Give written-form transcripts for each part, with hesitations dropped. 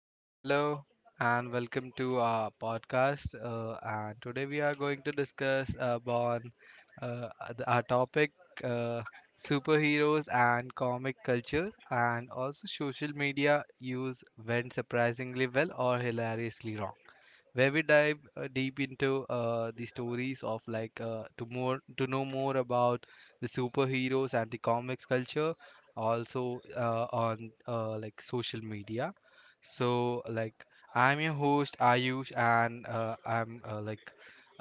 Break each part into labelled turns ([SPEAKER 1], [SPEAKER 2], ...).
[SPEAKER 1] So, hello and welcome to our podcast. And today we are going to discuss about uh, our topic uh, superheroes and comic culture, and also social media use went surprisingly well or hilariously wrong, where we dive deep into the stories of like to more to know more about the superheroes and the comics culture, also on like social media. So, I'm your host Ayush and I'm like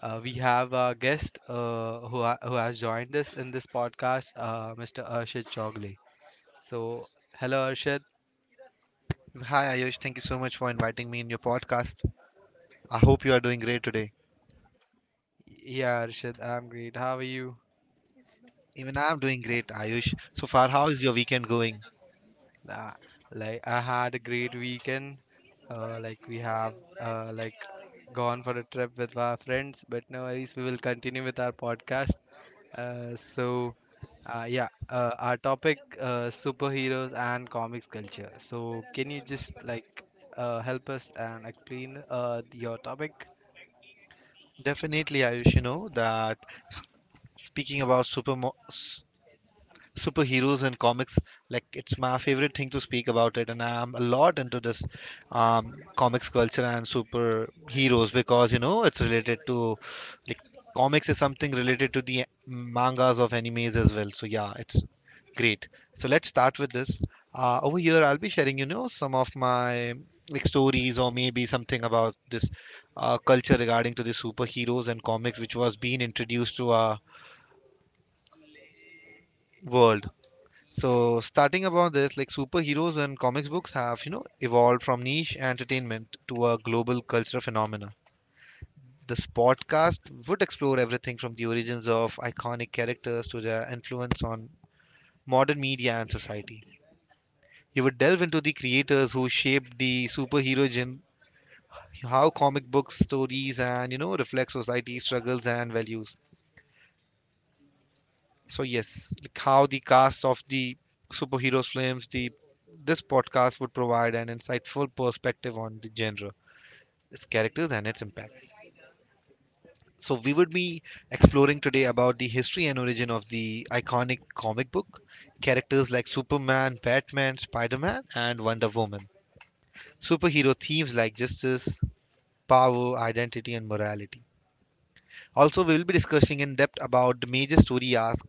[SPEAKER 1] we have a guest who has joined us in this podcast, Mr. Arshad Chogle. So hello, Arshad.
[SPEAKER 2] Hi Ayush, thank you so much for inviting me in your podcast. I hope you are doing great today.
[SPEAKER 1] Yeah, Arshad, I'm great, how are you?
[SPEAKER 2] Even I'm doing great, Ayush. So far, how is your weekend going?
[SPEAKER 1] Nah, like I had a great weekend. Like we have uh, like gone for a trip with our friends, but no worries, we will continue with our podcast. Uh, so yeah, our topic, superheroes and comics culture. So can you just like help us and explain your topic?
[SPEAKER 2] Definitely, Ayush, you know that s- speaking about superheroes and comics, like it's my favorite thing to speak about it, and I'm a lot into this comics culture and superheroes, because you know it's related to, like, comics is something related to the mangas of animes as well, so yeah, it's great. So let's start with this. Over here, I'll be sharing, you know, some of my, like, stories or maybe something about this culture regarding to the superheroes and comics which was being introduced to our world. So starting about this, like, superheroes and comics books have, you know, evolved from niche entertainment to a global cultural phenomena. This podcast would explore everything from the origins of iconic characters to their influence on modern media and society. You would delve into the creators who shaped the superhero genre, how comic book stories and, you know, reflect society's struggles and values. So yes, like how the cast of the superheroes films, the this podcast would provide an insightful perspective on the genre, its characters and its impact. So we would be exploring today about the history and origin of the iconic comic book characters like Superman, Batman, Spider-Man and Wonder Woman, superhero themes like justice, power, identity and morality. Also we will be discussing in depth about the major story arcs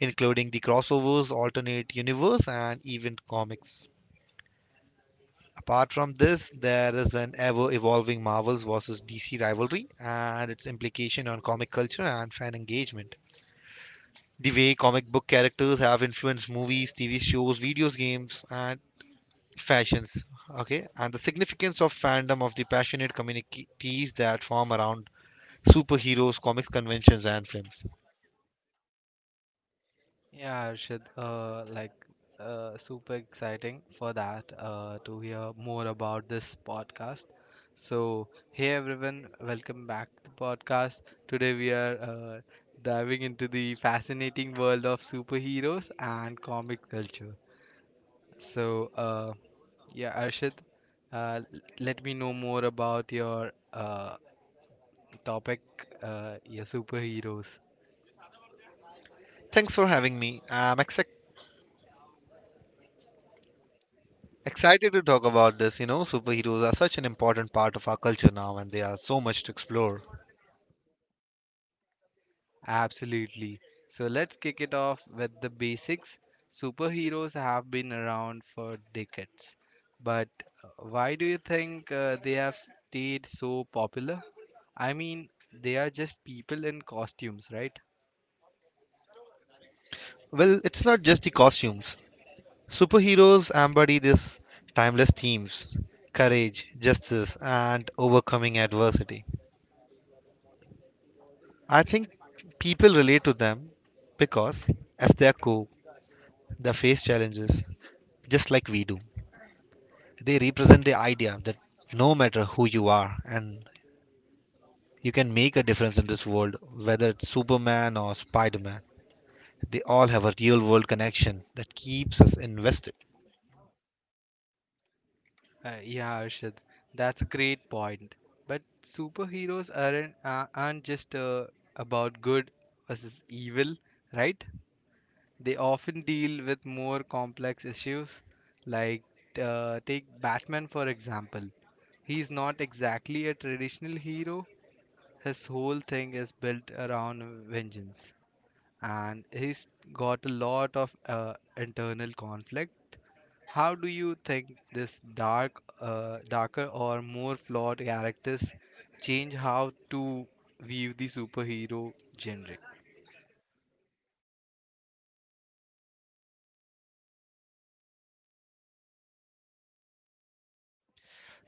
[SPEAKER 2] including the crossovers, alternate universe, and even comics. Apart from this, there is an ever evolving Marvels versus DC rivalry and its implication on comic culture and fan engagement. The way comic book characters have influenced movies, TV shows, video games, and fashions. Okay, and the significance of fandom of the passionate communities that form around superheroes, comics conventions, and films.
[SPEAKER 1] Yeah, Arshad, super exciting for that, to hear more about this podcast. So, hey everyone, welcome back to the podcast. Today we are diving into the fascinating world of superheroes and comic culture. So, yeah, Arshad, let me know more about your topic, your superheroes.
[SPEAKER 2] Thanks for having me. I'm excited. Excited to talk about this, you know, superheroes are such an important part of our culture now and they are so much to explore.
[SPEAKER 1] Absolutely. So let's kick it off with the basics. Superheroes have been around for decades, but why do you think they have stayed so popular? I mean, they are just people in costumes, right?
[SPEAKER 2] Well, it's not just the costumes. Superheroes embody these timeless themes: courage, justice, and overcoming adversity. I think people relate to them because, as they are cool, they face challenges just like we do. They represent the idea that no matter who you are, and you can make a difference in this world, whether it's Superman or Spider Man, they all have a real world connection that keeps us invested.
[SPEAKER 1] Yeah, Arshad, that's a great point. But superheroes aren't just about good versus evil, right? They often deal with more complex issues, like, take Batman for example. He's not exactly a traditional hero, his whole thing is built around vengeance, and he's got a lot of internal conflict. How do you think this dark, darker or more flawed characters change how to view the superhero genre?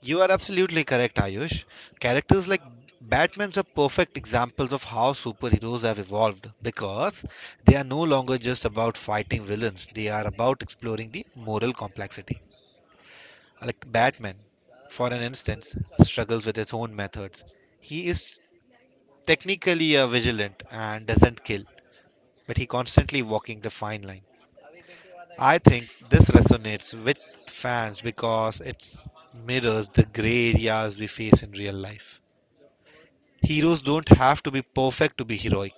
[SPEAKER 2] You are absolutely correct, Ayush. Characters like Batman's are perfect examples of how superheroes have evolved, because they are no longer just about fighting villains, they are about exploring the moral complexity. Like Batman, for an instance, struggles with his own methods. He is technically a vigilant and doesn't kill, but he constantly walking the fine line. I think this resonates with fans because it mirrors the gray areas we face in real life. Heroes don't have to be perfect to be heroic.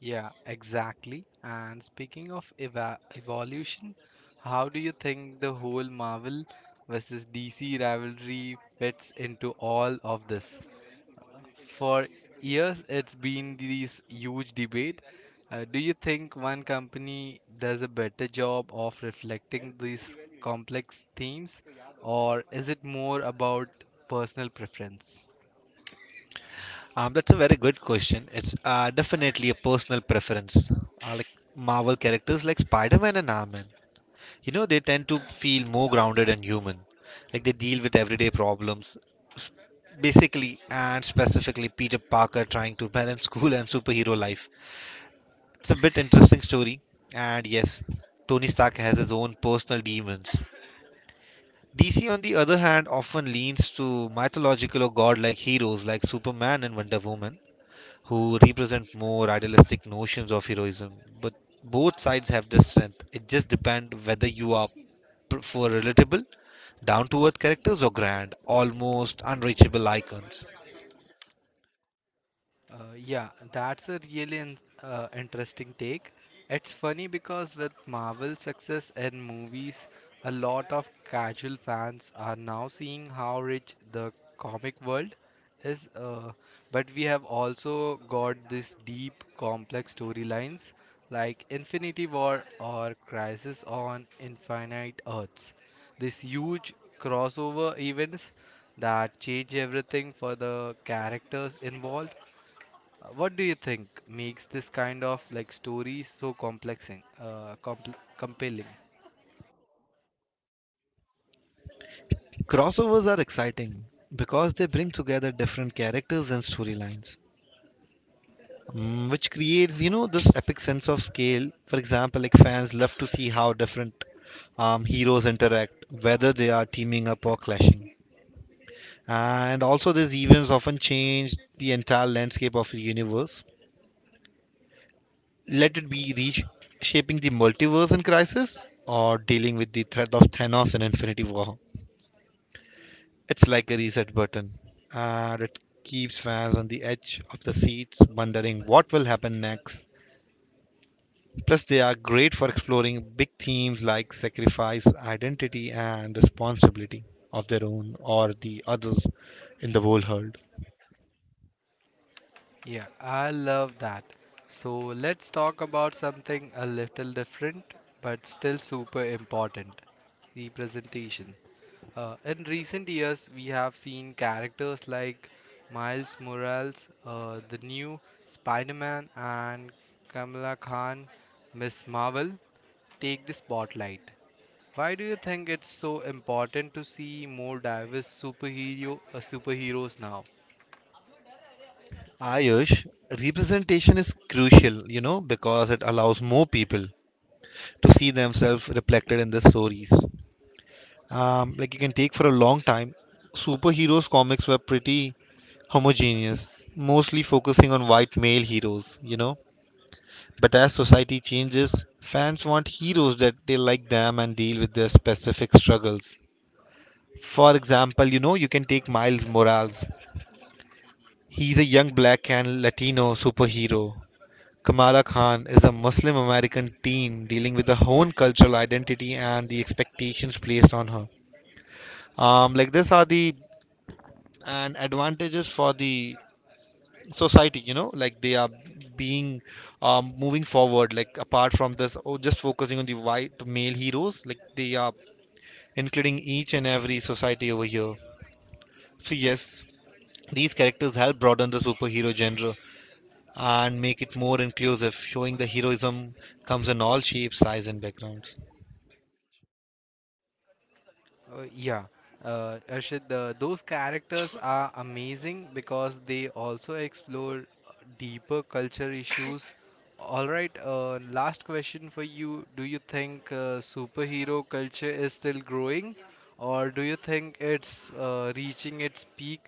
[SPEAKER 1] Yeah, exactly. And speaking of eva evolution, how do you think the whole Marvel versus DC rivalry fits into all of this? For years, it's been this huge debate. Do you think one company does a better job of reflecting these complex themes, or is it more about personal preference?
[SPEAKER 2] That's a very good question. It's definitely a personal preference. Like Marvel characters like Spider-Man and Iron Man, you know, they tend to feel more grounded and human. Like they deal with everyday problems, basically, and specifically Peter Parker trying to balance school and superhero life. It's a bit interesting story, and yes, Tony Stark has his own personal demons. DC, on the other hand, often leans to mythological or godlike heroes like Superman and Wonder Woman, who represent more idealistic notions of heroism. But both sides have their strength. It just depends whether you are for relatable, down to earth characters or grand, almost unreachable icons.
[SPEAKER 1] Yeah, that's a really interesting take. It's funny because with Marvel's success in movies, a lot of casual fans are now seeing how rich the comic world is. But we have also got these deep, complex storylines like Infinity War or Crisis on Infinite Earths. These huge crossover events that change everything for the characters involved. What do you think makes this kind of story so complexing, compl compelling?
[SPEAKER 2] Crossovers are exciting because they bring together different characters and storylines. Mm, which creates, you know, this epic sense of scale. For example, like, fans love to see how different heroes interact, whether they are teaming up or clashing. And also these events often change the entire landscape of the universe, let it be reach shaping the multiverse in crisis or dealing with the threat of Thanos and Infinity War. It's like a reset button, and it keeps fans on the edge of the seats wondering what will happen next. Plus, they are great for exploring big themes like sacrifice, identity, and responsibility of their own or the others in the whole herd.
[SPEAKER 1] Yeah, I love that. So let's talk about something a little different but still super important: representation. In recent years, we have seen characters like Miles Morales, the new Spider Man, and Kamala Khan, Miss Marvel, take the spotlight. Why do you think it's so important to see more diverse superheroes now?
[SPEAKER 2] Ayush, representation is crucial, you know, because it allows more people to see themselves reflected in the stories. Like, you can take, for a long time, superheroes comics were pretty homogeneous, mostly focusing on white male heroes, you know. But as society changes, fans want heroes that they like them and deal with their specific struggles. For example, you know, you can take Miles Morales. He's a young black and Latino superhero. Kamala Khan is a Muslim American teen dealing with her own cultural identity and the expectations placed on her. Like, this are the and advantages for the society, you know, like they are being moving forward, like apart from this, oh, just focusing on the white male heroes, like they are including each and every society over here. So yes, these characters help broaden the superhero genre and make it more inclusive, showing the heroism comes in all shapes, sizes and backgrounds.
[SPEAKER 1] Uh, yeah, Arshad, those characters are amazing because they also explore deeper culture issues. All right, last question for you. Do you think superhero culture is still growing, or do you think it's reaching its peak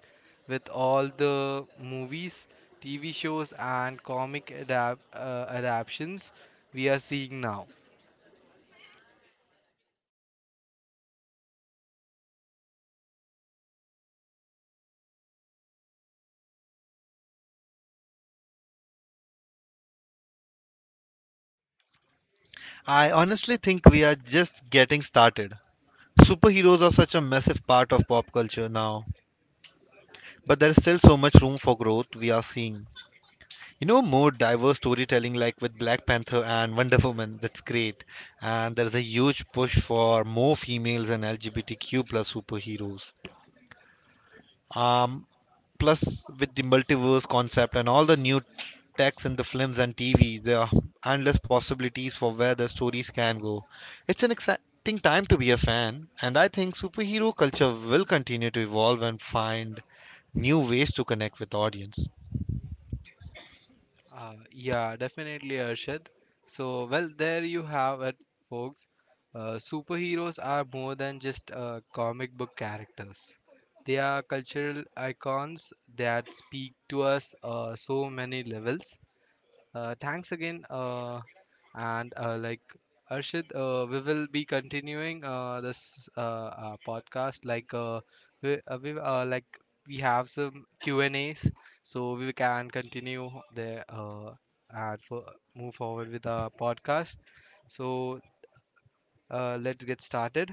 [SPEAKER 1] with all the movies, TV shows, and comic adaptations we are seeing now?
[SPEAKER 2] I honestly think we are just getting started. Superheroes are such a massive part of pop culture now, but there is still so much room for growth. We are seeing, you know, more diverse storytelling, like with Black Panther and Wonder Woman, that's great. And there's a huge push for more females and LGBTQ plus superheroes. Um, Plus with the multiverse concept and all the new techs in the films and TV, there are endless possibilities for where the stories can go. It's an exciting time to be a fan, and I think superhero culture will continue to evolve and find new ways to connect with audience.
[SPEAKER 1] Yeah, definitely, Arshad. So, well, there you have it, folks. Superheroes are more than just comic book characters. They are cultural icons that speak to us so many levels. Thanks again. And like Arshid, we will be continuing this podcast. Like we have some Q and A's, so we can continue there, and move forward with our podcast. So let's get started.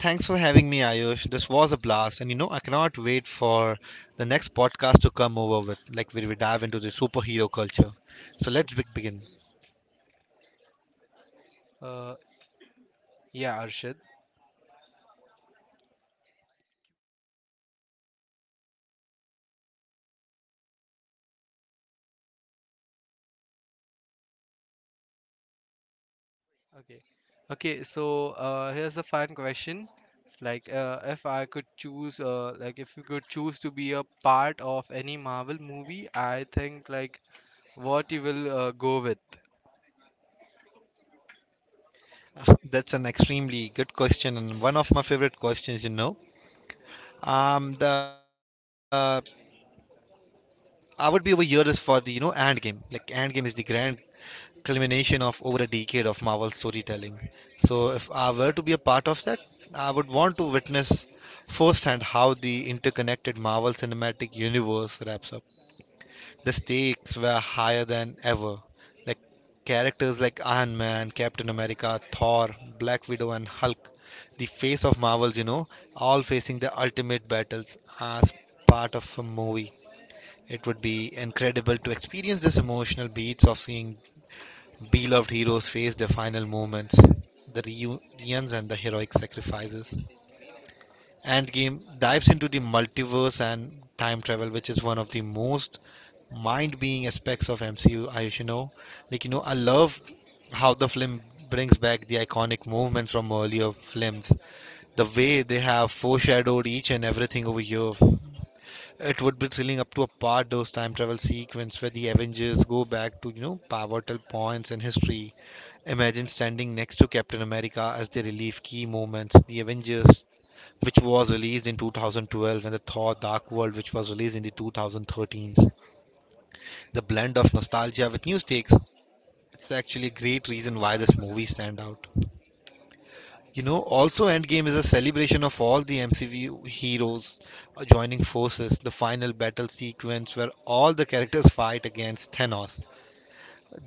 [SPEAKER 2] Thanks for having me, Ayush. This was a blast, and you know I cannot wait for the next podcast to come over with, like, where we dive into the superhero culture. So let's begin.
[SPEAKER 1] Uh, yeah, Arshid. Okay. Okay, so here's a fun question. It's like, if I could choose, like if you could choose to be a part of any Marvel movie, I think, like, what you will go with.
[SPEAKER 2] That's an extremely good question and one of my favorite questions. You know, the I would be over here is for the, you know, Endgame. Like Endgame is the grand culmination of over a decade of Marvel storytelling. So, if I were to be a part of that, I would want to witness firsthand how the interconnected Marvel Cinematic Universe wraps up. The stakes were higher than ever. Like characters like Iron Man, Captain America, Thor, Black Widow, and Hulk, the face of Marvels, you know, all facing the ultimate battles as part of a movie. It would be incredible to experience this emotional beats of seeing beloved heroes face their final moments, the reunions, and the heroic sacrifices. Endgame dives into the multiverse and time travel, which is one of the most mind-being aspects of MCU. I, you know, like, you know, I love how the film brings back the iconic movements from earlier films. The way they have foreshadowed each and everything over here. It would be thrilling up to a part those time travel sequence where the Avengers go back to, you know, pivotal points in history. Imagine standing next to Captain America as they relive key moments. The Avengers, which was released in 2012, and the Thor Dark World, which was released in the 2013. The blend of nostalgia with new stakes. It's actually a great reason why this movie stand out. You know, also Endgame is a celebration of all the MCU heroes joining forces, the final battle sequence where all the characters fight against Thanos,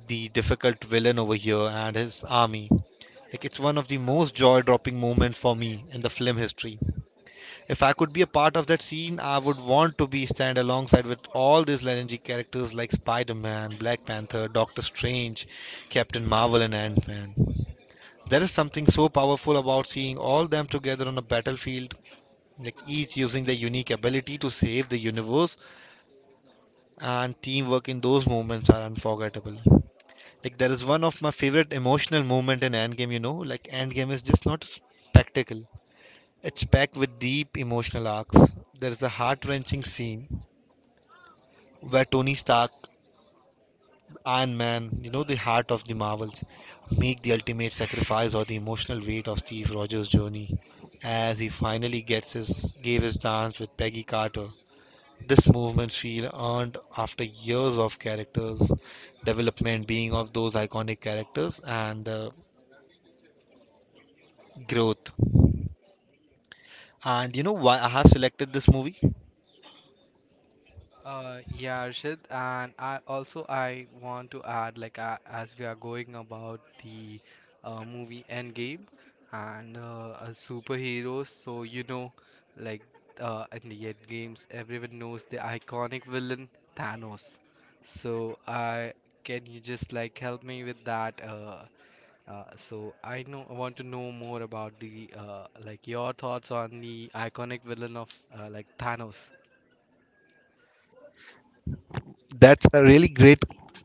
[SPEAKER 2] the difficult villain over here, and his army. Like, it's one of the most jaw dropping moments for me in the film history. If I could be a part of that scene, I would want to be stand alongside with all these legendary characters like Spider-Man, Black Panther, Doctor Strange, Captain Marvel and Ant-Man. There is something so powerful about seeing all them together on a battlefield, like each using their unique ability to save the universe, and teamwork in those moments are unforgettable. Like there is one of my favorite emotional moment in Endgame, you know, like Endgame is just not a spectacle. It's packed with deep emotional arcs. There is a heart wrenching scene where Tony Stark, Iron Man, you know, the heart of the Marvels, make the ultimate sacrifice or the emotional weight of Steve Rogers' journey as he finally gets his gave his dance with Peggy Carter. This movement she earned after years of characters development being of those iconic characters and growth. And you know why I have selected this movie?
[SPEAKER 1] Yeah, Arshad, and I also I want to add, like, as we are going about the movie Endgame and a superheroes, so you know, like in the End games, everyone knows the iconic villain Thanos. So, I, can you just like help me with that? I know I want to know more about the like your thoughts on the iconic villain of, Thanos.
[SPEAKER 2] That's a really great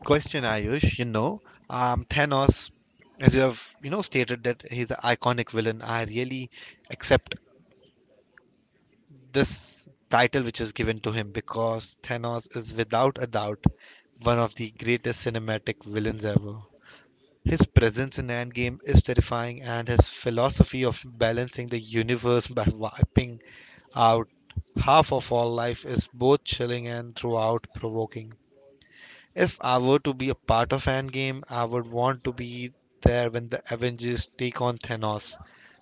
[SPEAKER 2] question, Ayush. You know, Thanos, as you have, you know, stated that he's an iconic villain. I really accept this title which is given to him because Thanos is without a doubt one of the greatest cinematic villains ever. His presence in Endgame is terrifying, and his philosophy of balancing the universe by wiping out half of all life is both chilling and throughout provoking. If I were to be a part of Endgame, I would want to be there when the Avengers take on Thanos.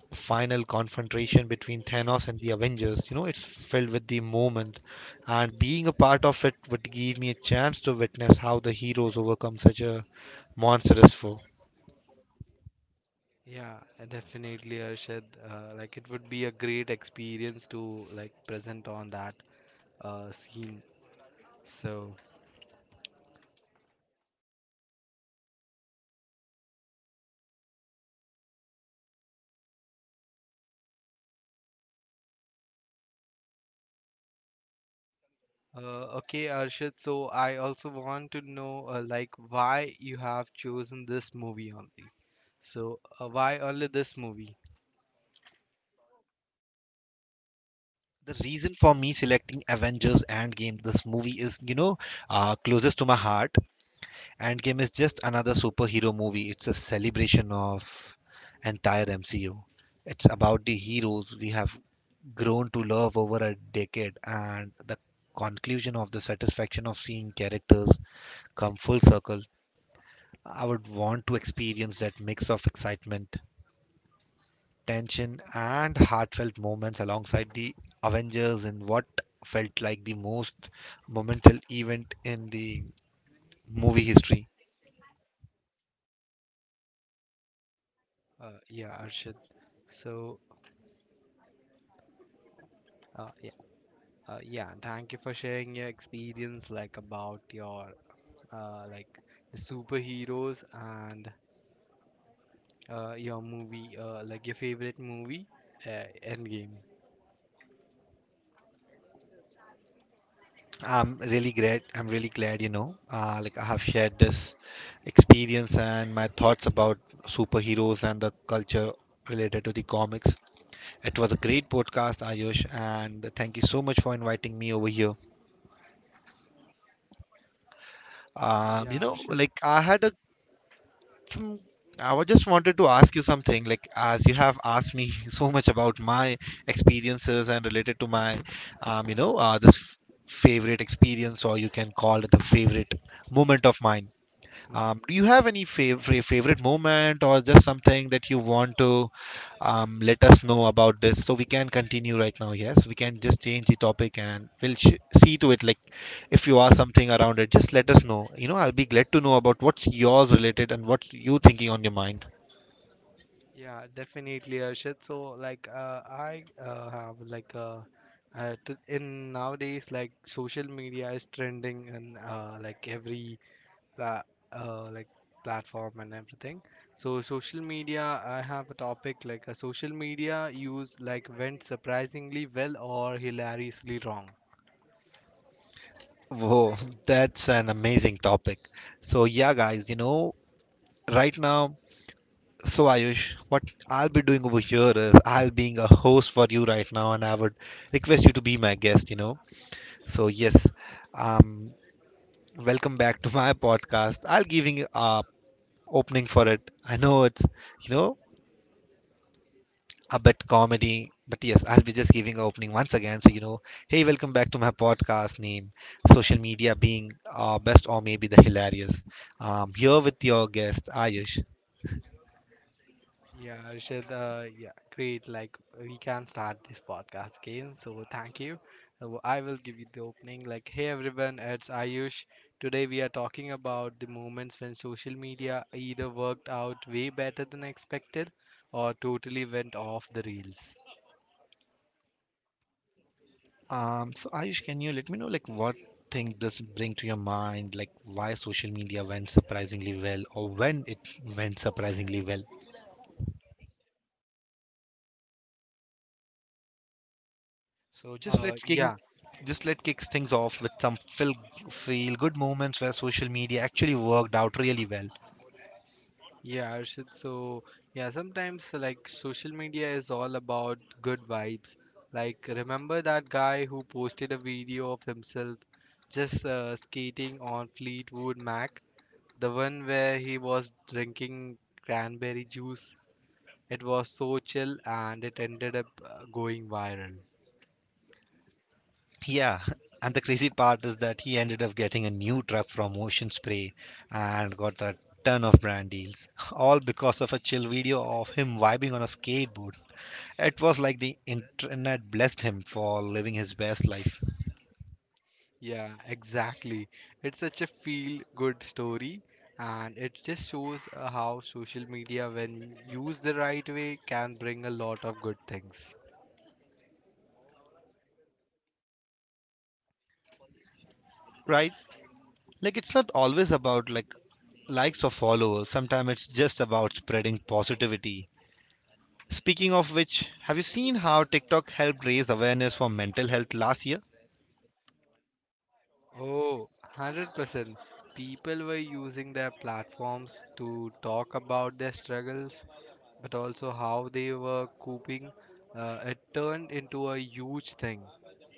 [SPEAKER 2] The final confrontation between Thanos and the Avengers, you know, it's filled with the moment. And being a part of it would give me a chance to witness how the heroes overcome such a monstrous foe.
[SPEAKER 1] Yeah, definitely, Arshad. Like it would be a great experience to like present on that scene. So, okay, Arshad. So I also want to know, why you have chosen this movie only. So why only this movie?
[SPEAKER 2] The reason for me selecting Avengers Endgame, this movie is, you know, closest to my heart. Endgame is just another superhero movie. It's a celebration of entire MCU. It's about the heroes we have grown to love over a decade and the conclusion of the satisfaction of seeing characters come full circle. I would want to experience that mix of excitement, tension and heartfelt moments alongside the Avengers in what felt like the most monumental event in the movie history.
[SPEAKER 1] Yeah, Arshad. So uh, yeah, yeah. Thank you for sharing your experience, like about your uh, like the superheroes and your movie, your favorite movie, Endgame.
[SPEAKER 2] I'm really glad, you know, like I have shared this experience and my thoughts about superheroes and the culture related to the comics. It was a great podcast, Ayush, and thank you so much for inviting me over here.
[SPEAKER 1] Uh,
[SPEAKER 2] You
[SPEAKER 1] yeah,
[SPEAKER 2] know,
[SPEAKER 1] Arshad.
[SPEAKER 2] like I had a, some, I wa- just wanted to ask you something. Like as you have asked me so much about my experiences and related to my, you know, favorite experience, or you can call it a favorite moment of mine.
[SPEAKER 1] Hmm.
[SPEAKER 2] Do you have any favorite moment or just something that you want to let us know about this so we can continue right now? Yes, we can just change the topic and we'll sh see to it. Like if you are something around it, just let us know. You know, I'll be glad to know about what's yours related and what you thinking on your mind.
[SPEAKER 1] Yeah, definitely, Arshad. So, like, I have like t in nowadays, like social media is trending in, uh, like, every pla uh, like platform and everything. So, social media, I have a topic like a social media use like went surprisingly well or hilariously wrong.
[SPEAKER 2] Whoa, that's an amazing topic. So yeah, guys, you know, right now, so Ayush, what I'll be doing over here is I'll being a host for you right now, and I would request you to be my guest, you know. So yes, um, welcome back to my podcast. I'll giving a opening for it. I know it's, you know, a bit comedy, but yes, I'll be just giving a opening once again. So you know, hey, welcome back to my podcast. Name social media being best or maybe the hilarious. Here with your guest Ayush.
[SPEAKER 1] Yeah, Arshad, yeah, great. Like, we can start this podcast again. So, thank you. So I will give you the opening. Like, hey everyone, it's Ayush. Today, we are talking about the moments when social media either worked out way better than expected or totally went off the rails.
[SPEAKER 2] So Ayush, can you let me know like what thing does it bring to your mind? Like why social media went surprisingly well, or when it went surprisingly well? So
[SPEAKER 1] Uh, yeah,
[SPEAKER 2] just let kicks things off with some feel good moments where social media actually worked out really well.
[SPEAKER 1] Yeah, Arshit. So, yeah, sometimes like social media is all about good vibes. Like, remember that guy who posted a video of himself just skating on Fleetwood Mac? The one where he was drinking cranberry juice. It was so chill and it ended up going viral.
[SPEAKER 2] Yeah, and the crazy part is that he ended up getting a new truck from Ocean Spray and got a ton of brand deals, all because of a chill video of him vibing on a skateboard. It was like the internet blessed him for living his best life,
[SPEAKER 1] Yeah, exactly. It's such a feel good story, and it just shows how social media, when used the right way, can bring a lot of good things.
[SPEAKER 2] right? Like it's not always about like likes or followers. Sometimes it's just about spreading positivity. Speaking of which, have you seen how TikTok helped raise awareness for mental health last year?
[SPEAKER 1] Oh, 100%. People were using their platforms to talk about their struggles, but also how they were coping. It turned into a huge thing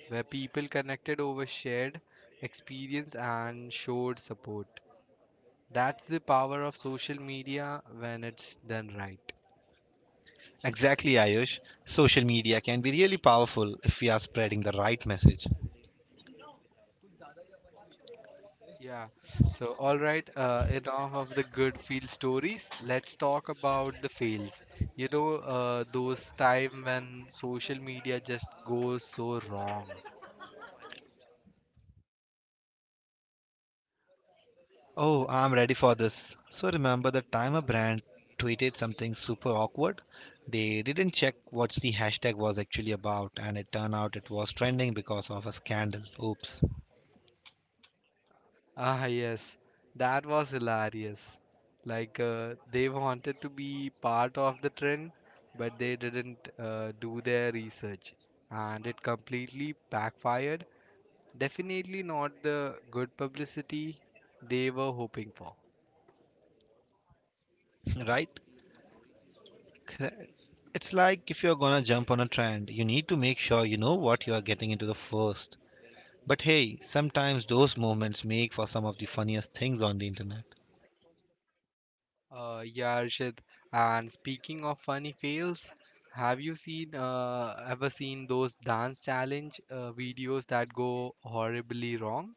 [SPEAKER 1] where people connected over shared experience and showed support. That's the power of social media when it's done right.
[SPEAKER 2] Exactly, Ayush. Social media can be really powerful if we are spreading the right message.
[SPEAKER 1] Yeah. So, all right, enough of the good feel stories. Let's talk about the fails. You know, those time when social media just goes so wrong.
[SPEAKER 2] Oh, I'm ready for this. So remember the time a brand tweeted something super awkward? They didn't check what the hashtag was actually about, and it turned out it was trending because of a scandal. Oops.
[SPEAKER 1] Ah, yes, that was hilarious. Like, they wanted to be part of the trend, but they didn't do their research, and it completely backfired. Definitely not the good publicity they were hoping for.
[SPEAKER 2] Right? Cra- It's like if you're gonna jump on a trend, you need to make sure you know what you are getting into the first. But hey, sometimes those moments make for some of the funniest things on the internet.
[SPEAKER 1] Yeah, Arshad. And speaking of funny fails, have you seen ever seen those dance challenge videos that go horribly wrong?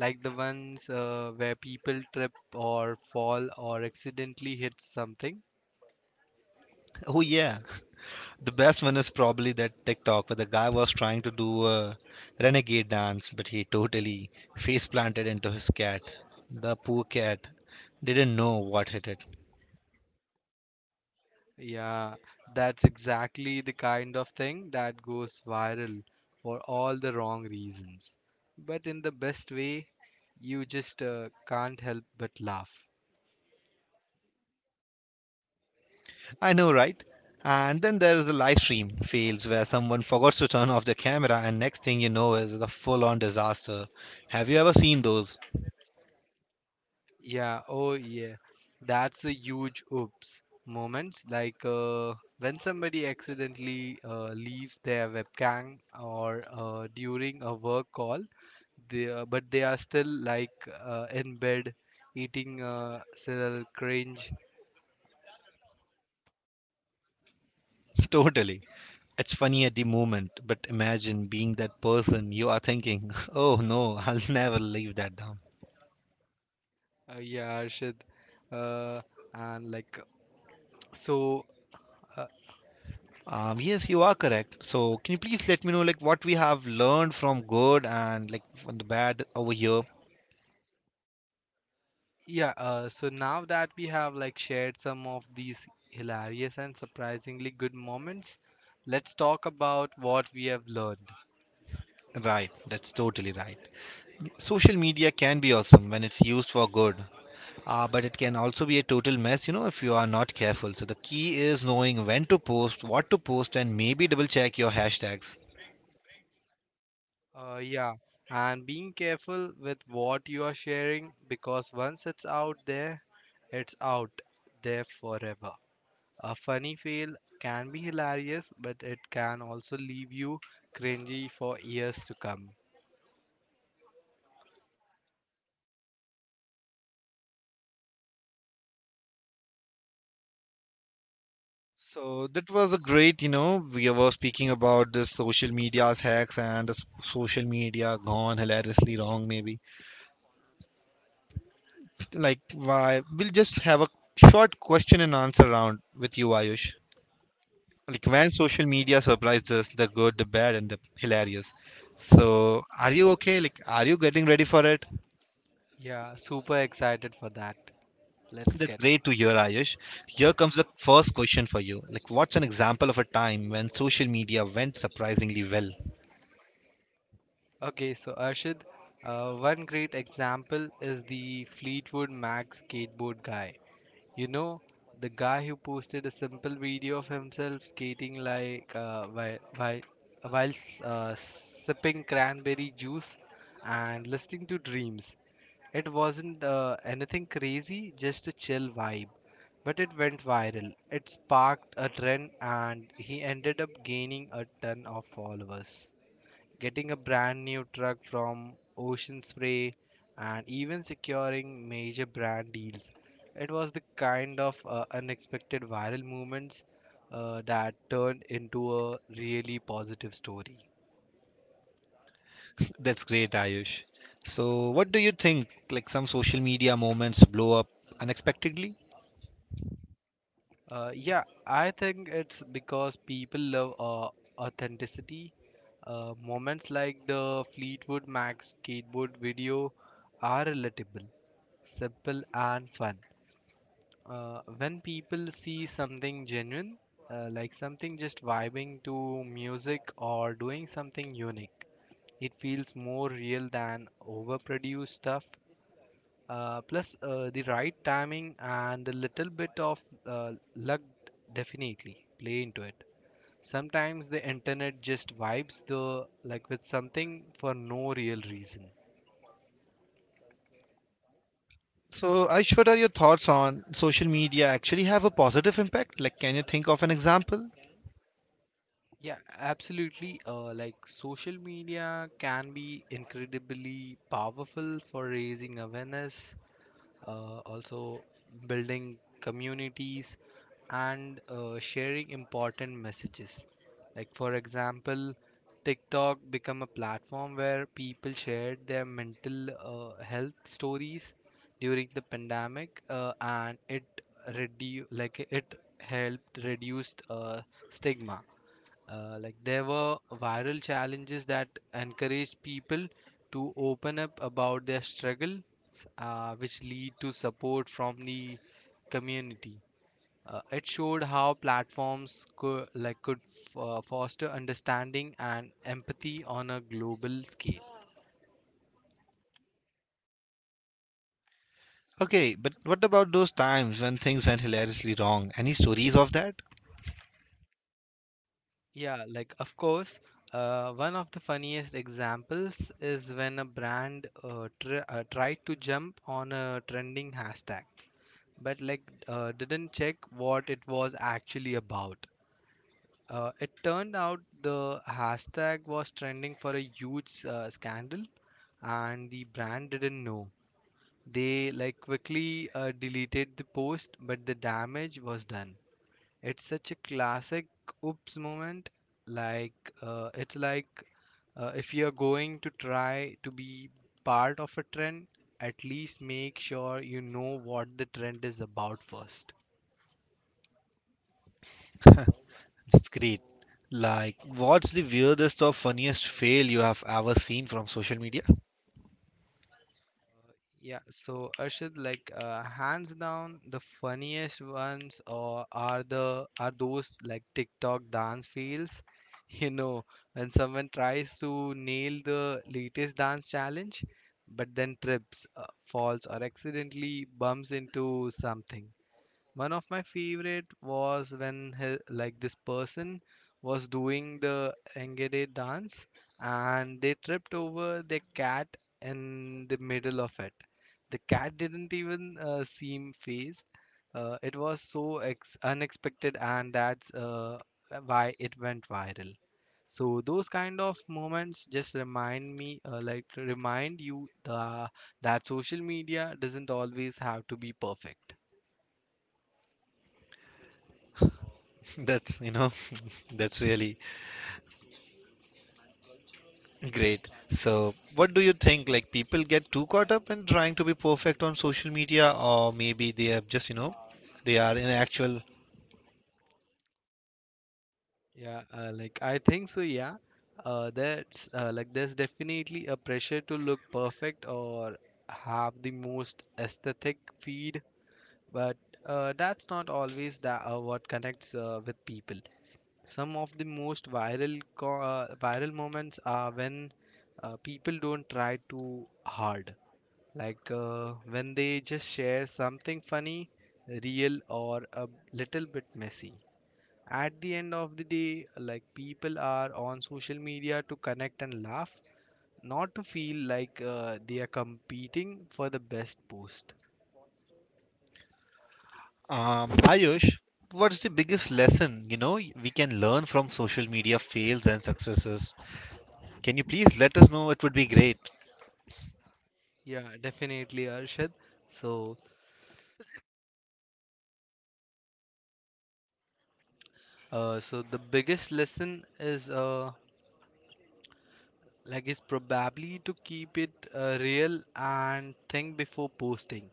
[SPEAKER 1] Like the ones where people trip or fall or accidentally hit something?
[SPEAKER 2] Oh, yeah. The best one is probably that TikTok where the guy was trying to do a renegade dance, but he totally face planted into his cat. The poor cat didn't know what hit it.
[SPEAKER 1] Yeah, that's exactly the kind of thing that goes viral for all the wrong reasons. But in the best way, you just can't help but laugh.
[SPEAKER 2] I know, right? And then there is a live stream fails where someone forgot to turn off the camera, and next thing you know is a full on disaster. Have you ever seen those?
[SPEAKER 1] Yeah, oh yeah. That's a huge oops moments, like when somebody accidentally leaves their webcam, or during a work call, they but they are still like in bed eating cereal, cringe.
[SPEAKER 2] Totally. It's funny at the moment, but imagine being that person you are thinking, oh no, I'll never leave that down.
[SPEAKER 1] Yeah, Arshad. Uh, and like so. Uh,
[SPEAKER 2] Yes, you are correct. So, can you please let me know like what we have learned from good and like from the bad over here?
[SPEAKER 1] Yeah, so now that we have like shared some of these hilarious and surprisingly good moments, let's talk about what we have learned.
[SPEAKER 2] Right, that's totally right. Social media can be awesome when it's used for good, but it can also be a total mess, you know, if you are not careful. So the key is knowing when to post, what to post, and maybe double check your hashtags.
[SPEAKER 1] Yeah, and being careful with what you are sharing, because once it's out there forever. A funny fail can be hilarious, but it can also leave you cringy for years to come.
[SPEAKER 2] So that was a great, you know, we were speaking about the social media's hacks and the social media gone hilariously wrong, maybe. Like, why? We'll just have a short question and answer round with you, Ayush. Like, when social media surprised us, the good, the bad, and the hilarious. So, are you okay? Like, are you getting ready for it?
[SPEAKER 1] Yeah, super excited for that. Let's
[SPEAKER 2] That's
[SPEAKER 1] get on.
[SPEAKER 2] great to hear, Ayush. Here comes the first question for you. Like, what's an example of a time when social media went surprisingly well?
[SPEAKER 1] Okay, so Arshid, one great example is the Fleetwood Mac skateboard guy. You know, the guy who posted a simple video of himself skating like, while sipping cranberry juice and listening to dreams. It wasn't anything crazy, just a chill vibe. But it went viral. It sparked a trend and he ended up gaining a ton of followers, getting a brand new truck from Ocean Spray, and even securing major brand deals. It was the kind of unexpected viral movements that turned into a really positive story.
[SPEAKER 2] That's great, Ayush. So, what do you think? Like, some social media moments blow up unexpectedly?
[SPEAKER 1] Yeah, I think it's because people love authenticity. Moments like the Fleetwood Mac skateboard video are relatable, simple, and fun. When people see something genuine, like something just vibing to music or doing something unique, it feels more real than overproduced stuff. Plus, the right timing and a little bit of luck definitely play into it. Sometimes the internet just vibes the like with something for no real reason.
[SPEAKER 2] So, Ayush, what are your thoughts on social media actually have a positive impact? Like, can you think of an example?
[SPEAKER 1] Yeah, absolutely. Like social media can be incredibly powerful for raising awareness, also building communities and sharing important messages. Like for example, TikTok become a platform where people shared their mental health stories during the pandemic, and it helped reduce stigma. Like there were viral challenges that encouraged people to open up about their struggle, which lead to support from the community. It showed how platforms could foster understanding and empathy on a global scale.
[SPEAKER 2] Okay, but what about those times when things went hilariously wrong? Any stories of that?
[SPEAKER 1] Yeah, like of course, one of the funniest examples is when a brand tr tried to jump on a trending hashtag, but like didn't check what it was actually about. It turned out the hashtag was trending for a huge scandal, and the brand didn't know. They like quickly deleted the post, but the damage was done. It's such a classic oops moment. Like, like, if you're going to try to be part of a trend, at least make sure you know what the trend is about first.
[SPEAKER 2] It's great. Like, what's the weirdest or funniest fail you have ever seen from social media?
[SPEAKER 1] Yeah, so Arshad, like hands down, the funniest ones or are the are those like TikTok dance fails. You know, when someone tries to nail the latest dance challenge, but then trips, falls, or accidentally bumps into something. One of my favorite was when he, like this person was doing the Engede dance and they tripped over their cat in the middle of it. The cat didn't even seem phased. It was so ex unexpected and that's why it went viral. So those kind of moments just remind me, like remind you the, that social media doesn't always have to be perfect.
[SPEAKER 2] That's, you know, that's really great. So, what do you think? Like, people get too caught up in trying to be perfect on social media, or maybe they are just, you know, they are in actual.
[SPEAKER 1] Yeah, like I think so. Yeah, that's like there's definitely a pressure to look perfect or have the most aesthetic feed, but that's not always that what connects with people. Some of the most viral moments are when people don't try too hard, like when they just share something funny, real, or a little bit messy. At the end of the day, like people are on social media to connect and laugh, not to feel like they are competing for the best post.
[SPEAKER 2] Ayush, what's the biggest lesson, you know, we can learn from social media fails and successes? Can you please let us know? It would be great.
[SPEAKER 1] Yeah, definitely, Arshad. So, so the biggest lesson is like it's probably to keep it real and think before posting.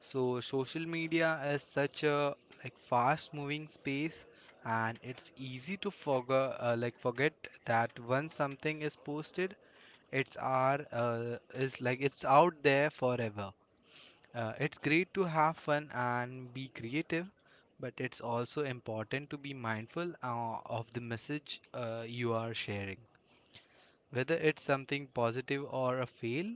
[SPEAKER 1] So social media is such a like fast moving space, and it's easy to forget that once something is posted, it's our is like it's out there forever. It's great to have fun and be creative, but it's also important to be mindful of the message you are sharing. Whether it's something positive or a fail,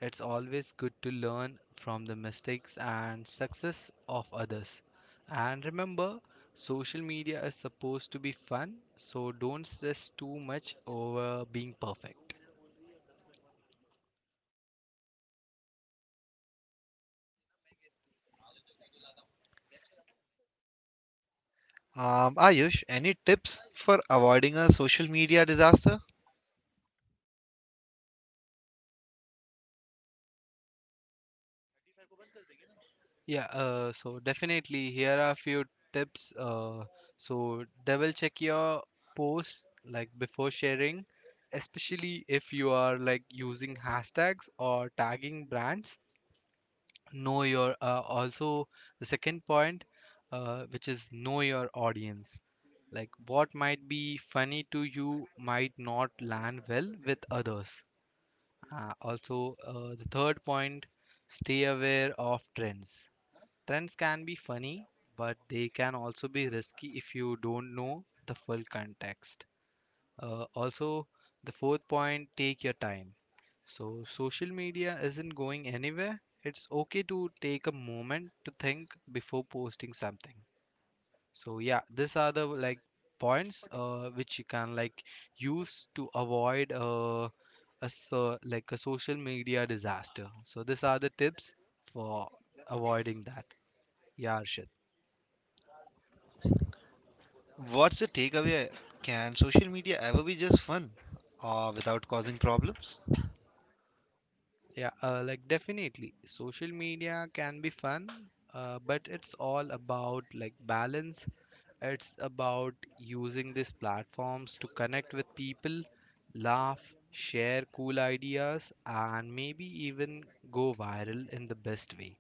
[SPEAKER 1] it's always good to learn from the mistakes and success of others. And remember, social media is supposed to be fun, so don't stress too much over being perfect.
[SPEAKER 2] Ayush, any tips for avoiding a social media disaster?
[SPEAKER 1] Yeah, so definitely here are a few tips. So double check your posts like before sharing, especially if you are like using hashtags or tagging brands. Know your also the second point which is know your audience, like what might be funny to you might not land well with others. Also, the third point, stay aware of trends. Trends can be funny, but they can also be risky if you don't know the full context. Also, the fourth point, take your time. So, social media isn't going anywhere. It's okay to take a moment to think before posting something. So, yeah, these are the like points which you can like use to avoid a social media disaster. So, these are the tips for avoiding that. Yeah, Arshit.
[SPEAKER 2] What's the takeaway? Can social media ever be just fun or without causing problems?
[SPEAKER 1] Yeah, like definitely, social media can be fun, but it's all about like balance. It's about using these platforms to connect with people, laugh, share cool ideas, and maybe even go viral in the best way.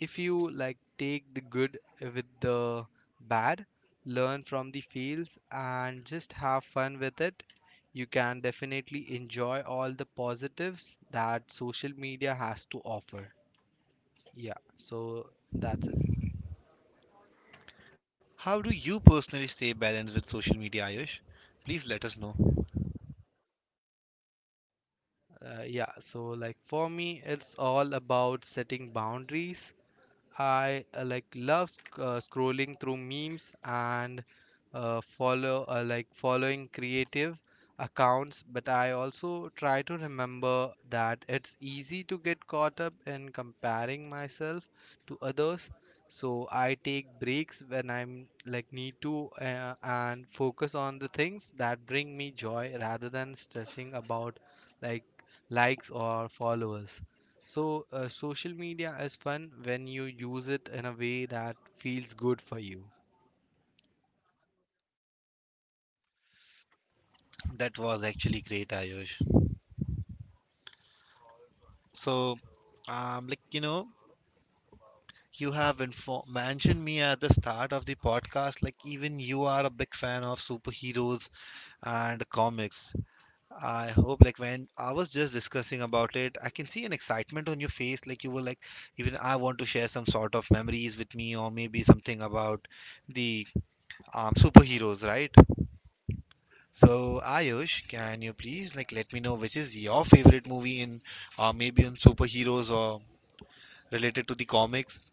[SPEAKER 1] If you like take the good with the bad, learn from the fails and just have fun with it, you can definitely enjoy all the positives that social media has to offer. Yeah, so that's it.
[SPEAKER 2] How do you personally stay balanced with social media, Ayush? Please let us know.
[SPEAKER 1] Yeah, so like for me, it's all about setting boundaries. I like love scrolling through memes and following creative accounts, but I also try to remember that it's easy to get caught up in comparing myself to others. So I take breaks when I'm like need to and focus on the things that bring me joy rather than stressing about like likes or followers. So, social media is fun when you use it in a way that feels good for you.
[SPEAKER 2] That was actually great, Ayush. So, like, you know, you have mentioned me at the start of the podcast, like even you are a big fan of superheroes and comics. I hope, like, when I was just discussing about it, I can see an excitement on your face. Like, you were like, even I want to share some sort of memories with me, or maybe something about the superheroes, right? So, Ayush, can you please, like, let me know which is your favorite movie in, maybe in superheroes or related to the comics?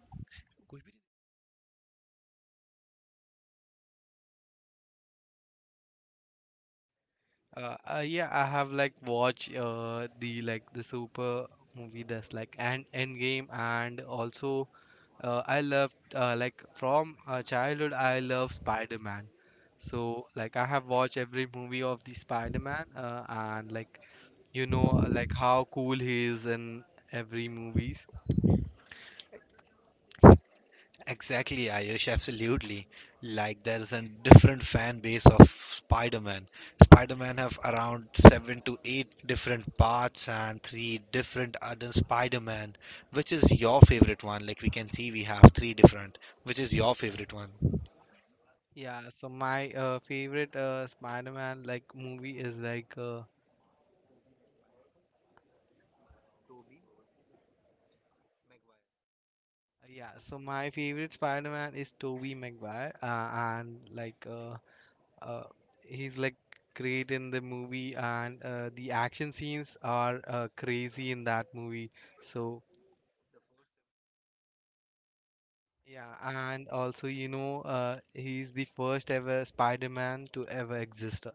[SPEAKER 1] Yeah, I have like watched the super movie that's like and Endgame, and also I loved like from childhood I love Spider-Man. So like I have watched every movie of the Spider-Man, and like you know like how cool he is in every movies.
[SPEAKER 2] Exactly, Ayush, absolutely. Like there's a different fan base of Spider-Man. Spider-Man have around seven to eight different parts and three different other Spider-Man. Which is your favorite one? Like we can see we have three different. Which is your favorite one?
[SPEAKER 1] Yeah, so my favorite Spider-Man like movie is like yeah, so my favorite Spider-Man is Tobey Maguire and uh, he's like great in the movie, and the action scenes are crazy in that movie. So yeah, and also you know he's the first ever Spider-Man to ever exist.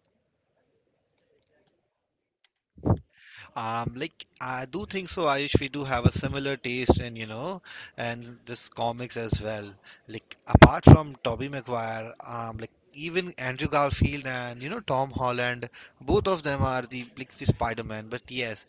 [SPEAKER 2] Like I do think so, Ayush. We do have a similar taste, and you know, and just comics as well. Like apart from Tobey Maguire, like even Andrew Garfield and you know Tom Holland, both of them are the like the Spider-Man. But yes,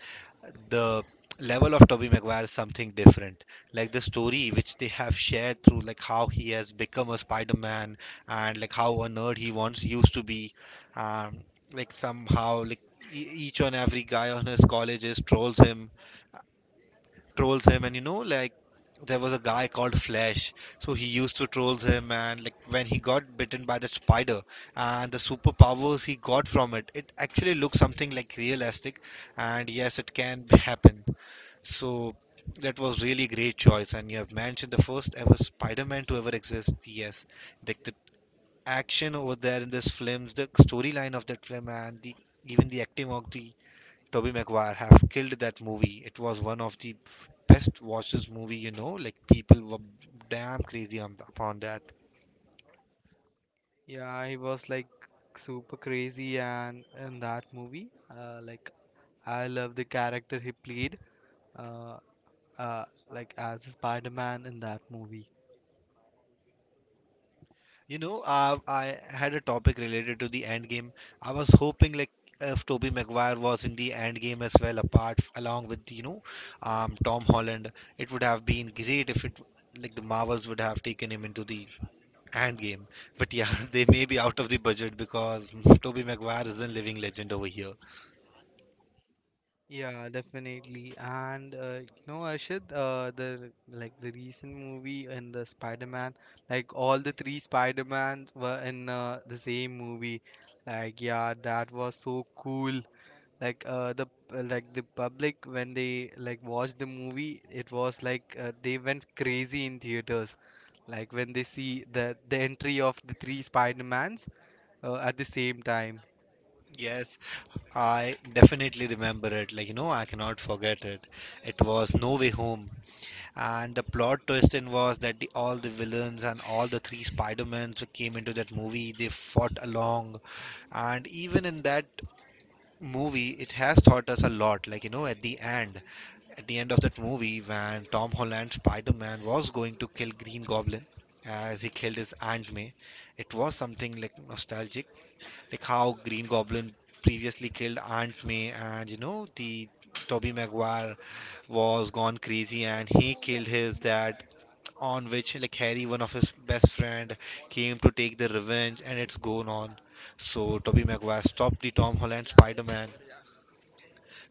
[SPEAKER 2] the level of Tobey Maguire is something different. Like the story which they have shared through like how he has become a Spider-Man and like how a nerd he once used to be. Um, like somehow like each and every guy on his colleges trolls him, and you know like there was a guy called flash, so he used to trolls him. And like when he got bitten by the spider and the superpowers he got from it, it actually looks something like realistic, and yes, it can happen. So that was really great choice, and you have mentioned the first ever Spider-Man to ever exist. Yes, like action over there in this film, the storyline of that film, and the even the acting of the Tobey Maguire have killed that movie. It was one of the best watches movie, you know. Like people were damn crazy on, upon that.
[SPEAKER 1] Yeah, he was like super crazy. And in that movie, like I love the character he played, uh, uh, like as a Spider-Man in that movie.
[SPEAKER 2] You know, I had a topic related to the end game. I was hoping like if Toby Maguire was in the end game as well, apart along with, you know, Tom Holland, it would have been great if it like the Marvels would have taken him into the end game. But yeah, they may be out of the budget because Toby Maguire is a living legend over here.
[SPEAKER 1] Yeah, definitely. And you know, Arshad, the recent movie and the Spider-Man, like all the three Spider-Mans were in the same movie. Like, yeah, that was so cool. Like, uh, the like, the public when they like watched the movie, it was like they went crazy in theaters. Like when they see the entry of the three Spider-Mans at the same time.
[SPEAKER 2] Yes, I definitely remember it. Like you know, I cannot forget it. It was No Way Home. And the plot twist in was that the, all the villains and all the three Spider-Mans who came into that movie. They fought along, and even in that movie, it has taught us a lot. Like you know, at the end of that movie, when Tom Holland Spider-Man was going to kill Green Goblin, as he killed his Aunt May, it was something like nostalgic, like how Green Goblin previously killed Aunt May, and you know the Tobey Maguire was gone crazy and he killed his dad, on which like Harry, one of his best friend, came to take the revenge, and it's gone on. So Tobey Maguire stopped the Tom Holland Spider-Man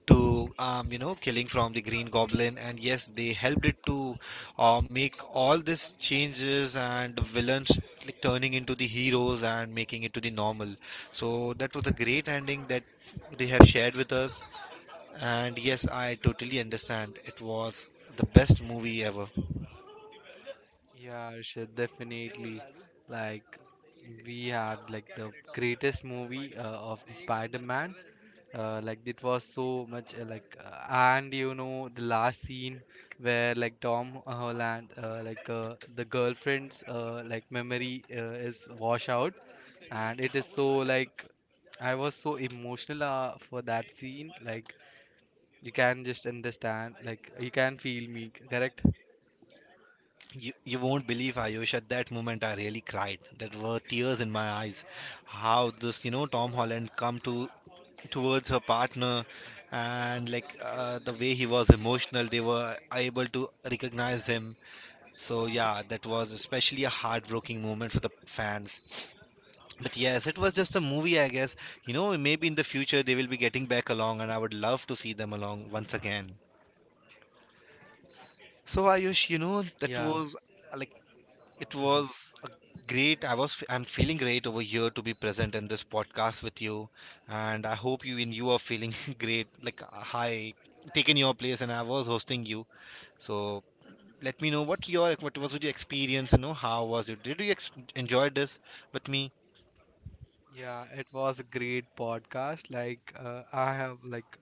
[SPEAKER 2] to you know killing from the Green Goblin, and yes, they helped it to make all these changes and the villains like turning into the heroes and making it to the normal. So that was a great ending that they have shared with us. And yes, I totally understand. It was the best movie ever.
[SPEAKER 1] Yeah, Arshad, definitely. Like, we had like the greatest movie of the Spider-Man. Like it was so much like, And you know the last scene where like Tom Holland, the girlfriend's like memory is wash out, and it is so like I was so emotional for that scene. Like you can just understand, like you can feel me, correct?
[SPEAKER 2] You won't believe, Ayush, at that moment I really cried. There were tears in my eyes. How this, you know, Tom Holland come to towards her partner, and like the way he was emotional, they were able to recognize him. So yeah, that was especially a heartbreaking moment for the fans. But yes, it was just a movie, I guess. You know, maybe in the future they will be getting back along and I would love to see them along once again. So Ayush, you know, that
[SPEAKER 1] Yeah.
[SPEAKER 2] was like it
[SPEAKER 1] Mm-hmm.
[SPEAKER 2] was a great. I was. I'm feeling great over here to be present in this podcast with you, and I hope you and you are feeling great. Like I taken your place, and I was hosting you. So let me know what was your experience. You know how was it? Did you enjoy this with me?
[SPEAKER 1] Yeah, it was a great podcast. Like uh, I have like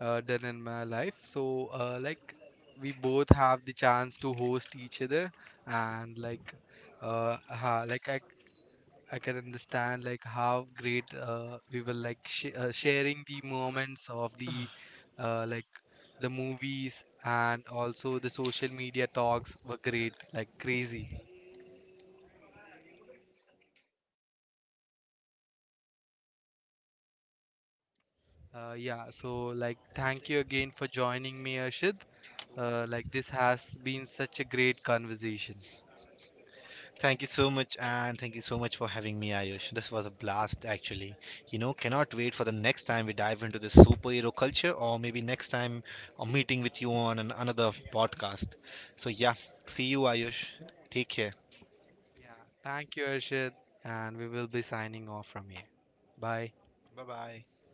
[SPEAKER 1] uh, done in my life. So like we both have the chance to host each other, and like ha, like I can understand like how great we were like sh sharing the moments of the like the movies, and also the social media talks were great, like crazy. Yeah, so like, thank you again for joining me, Arshid. Like, this has been such a great conversation.
[SPEAKER 2] Thank you so much, and thank you so much for having me, Ayush. This was a blast, actually. You know, cannot wait for the next time we dive into this superhero culture, or maybe next time a meeting with you on another podcast. So, yeah, see you, Ayush. Take care.
[SPEAKER 1] Yeah, thank you, Arshid, and we will be signing off from here. Bye.
[SPEAKER 2] Bye bye.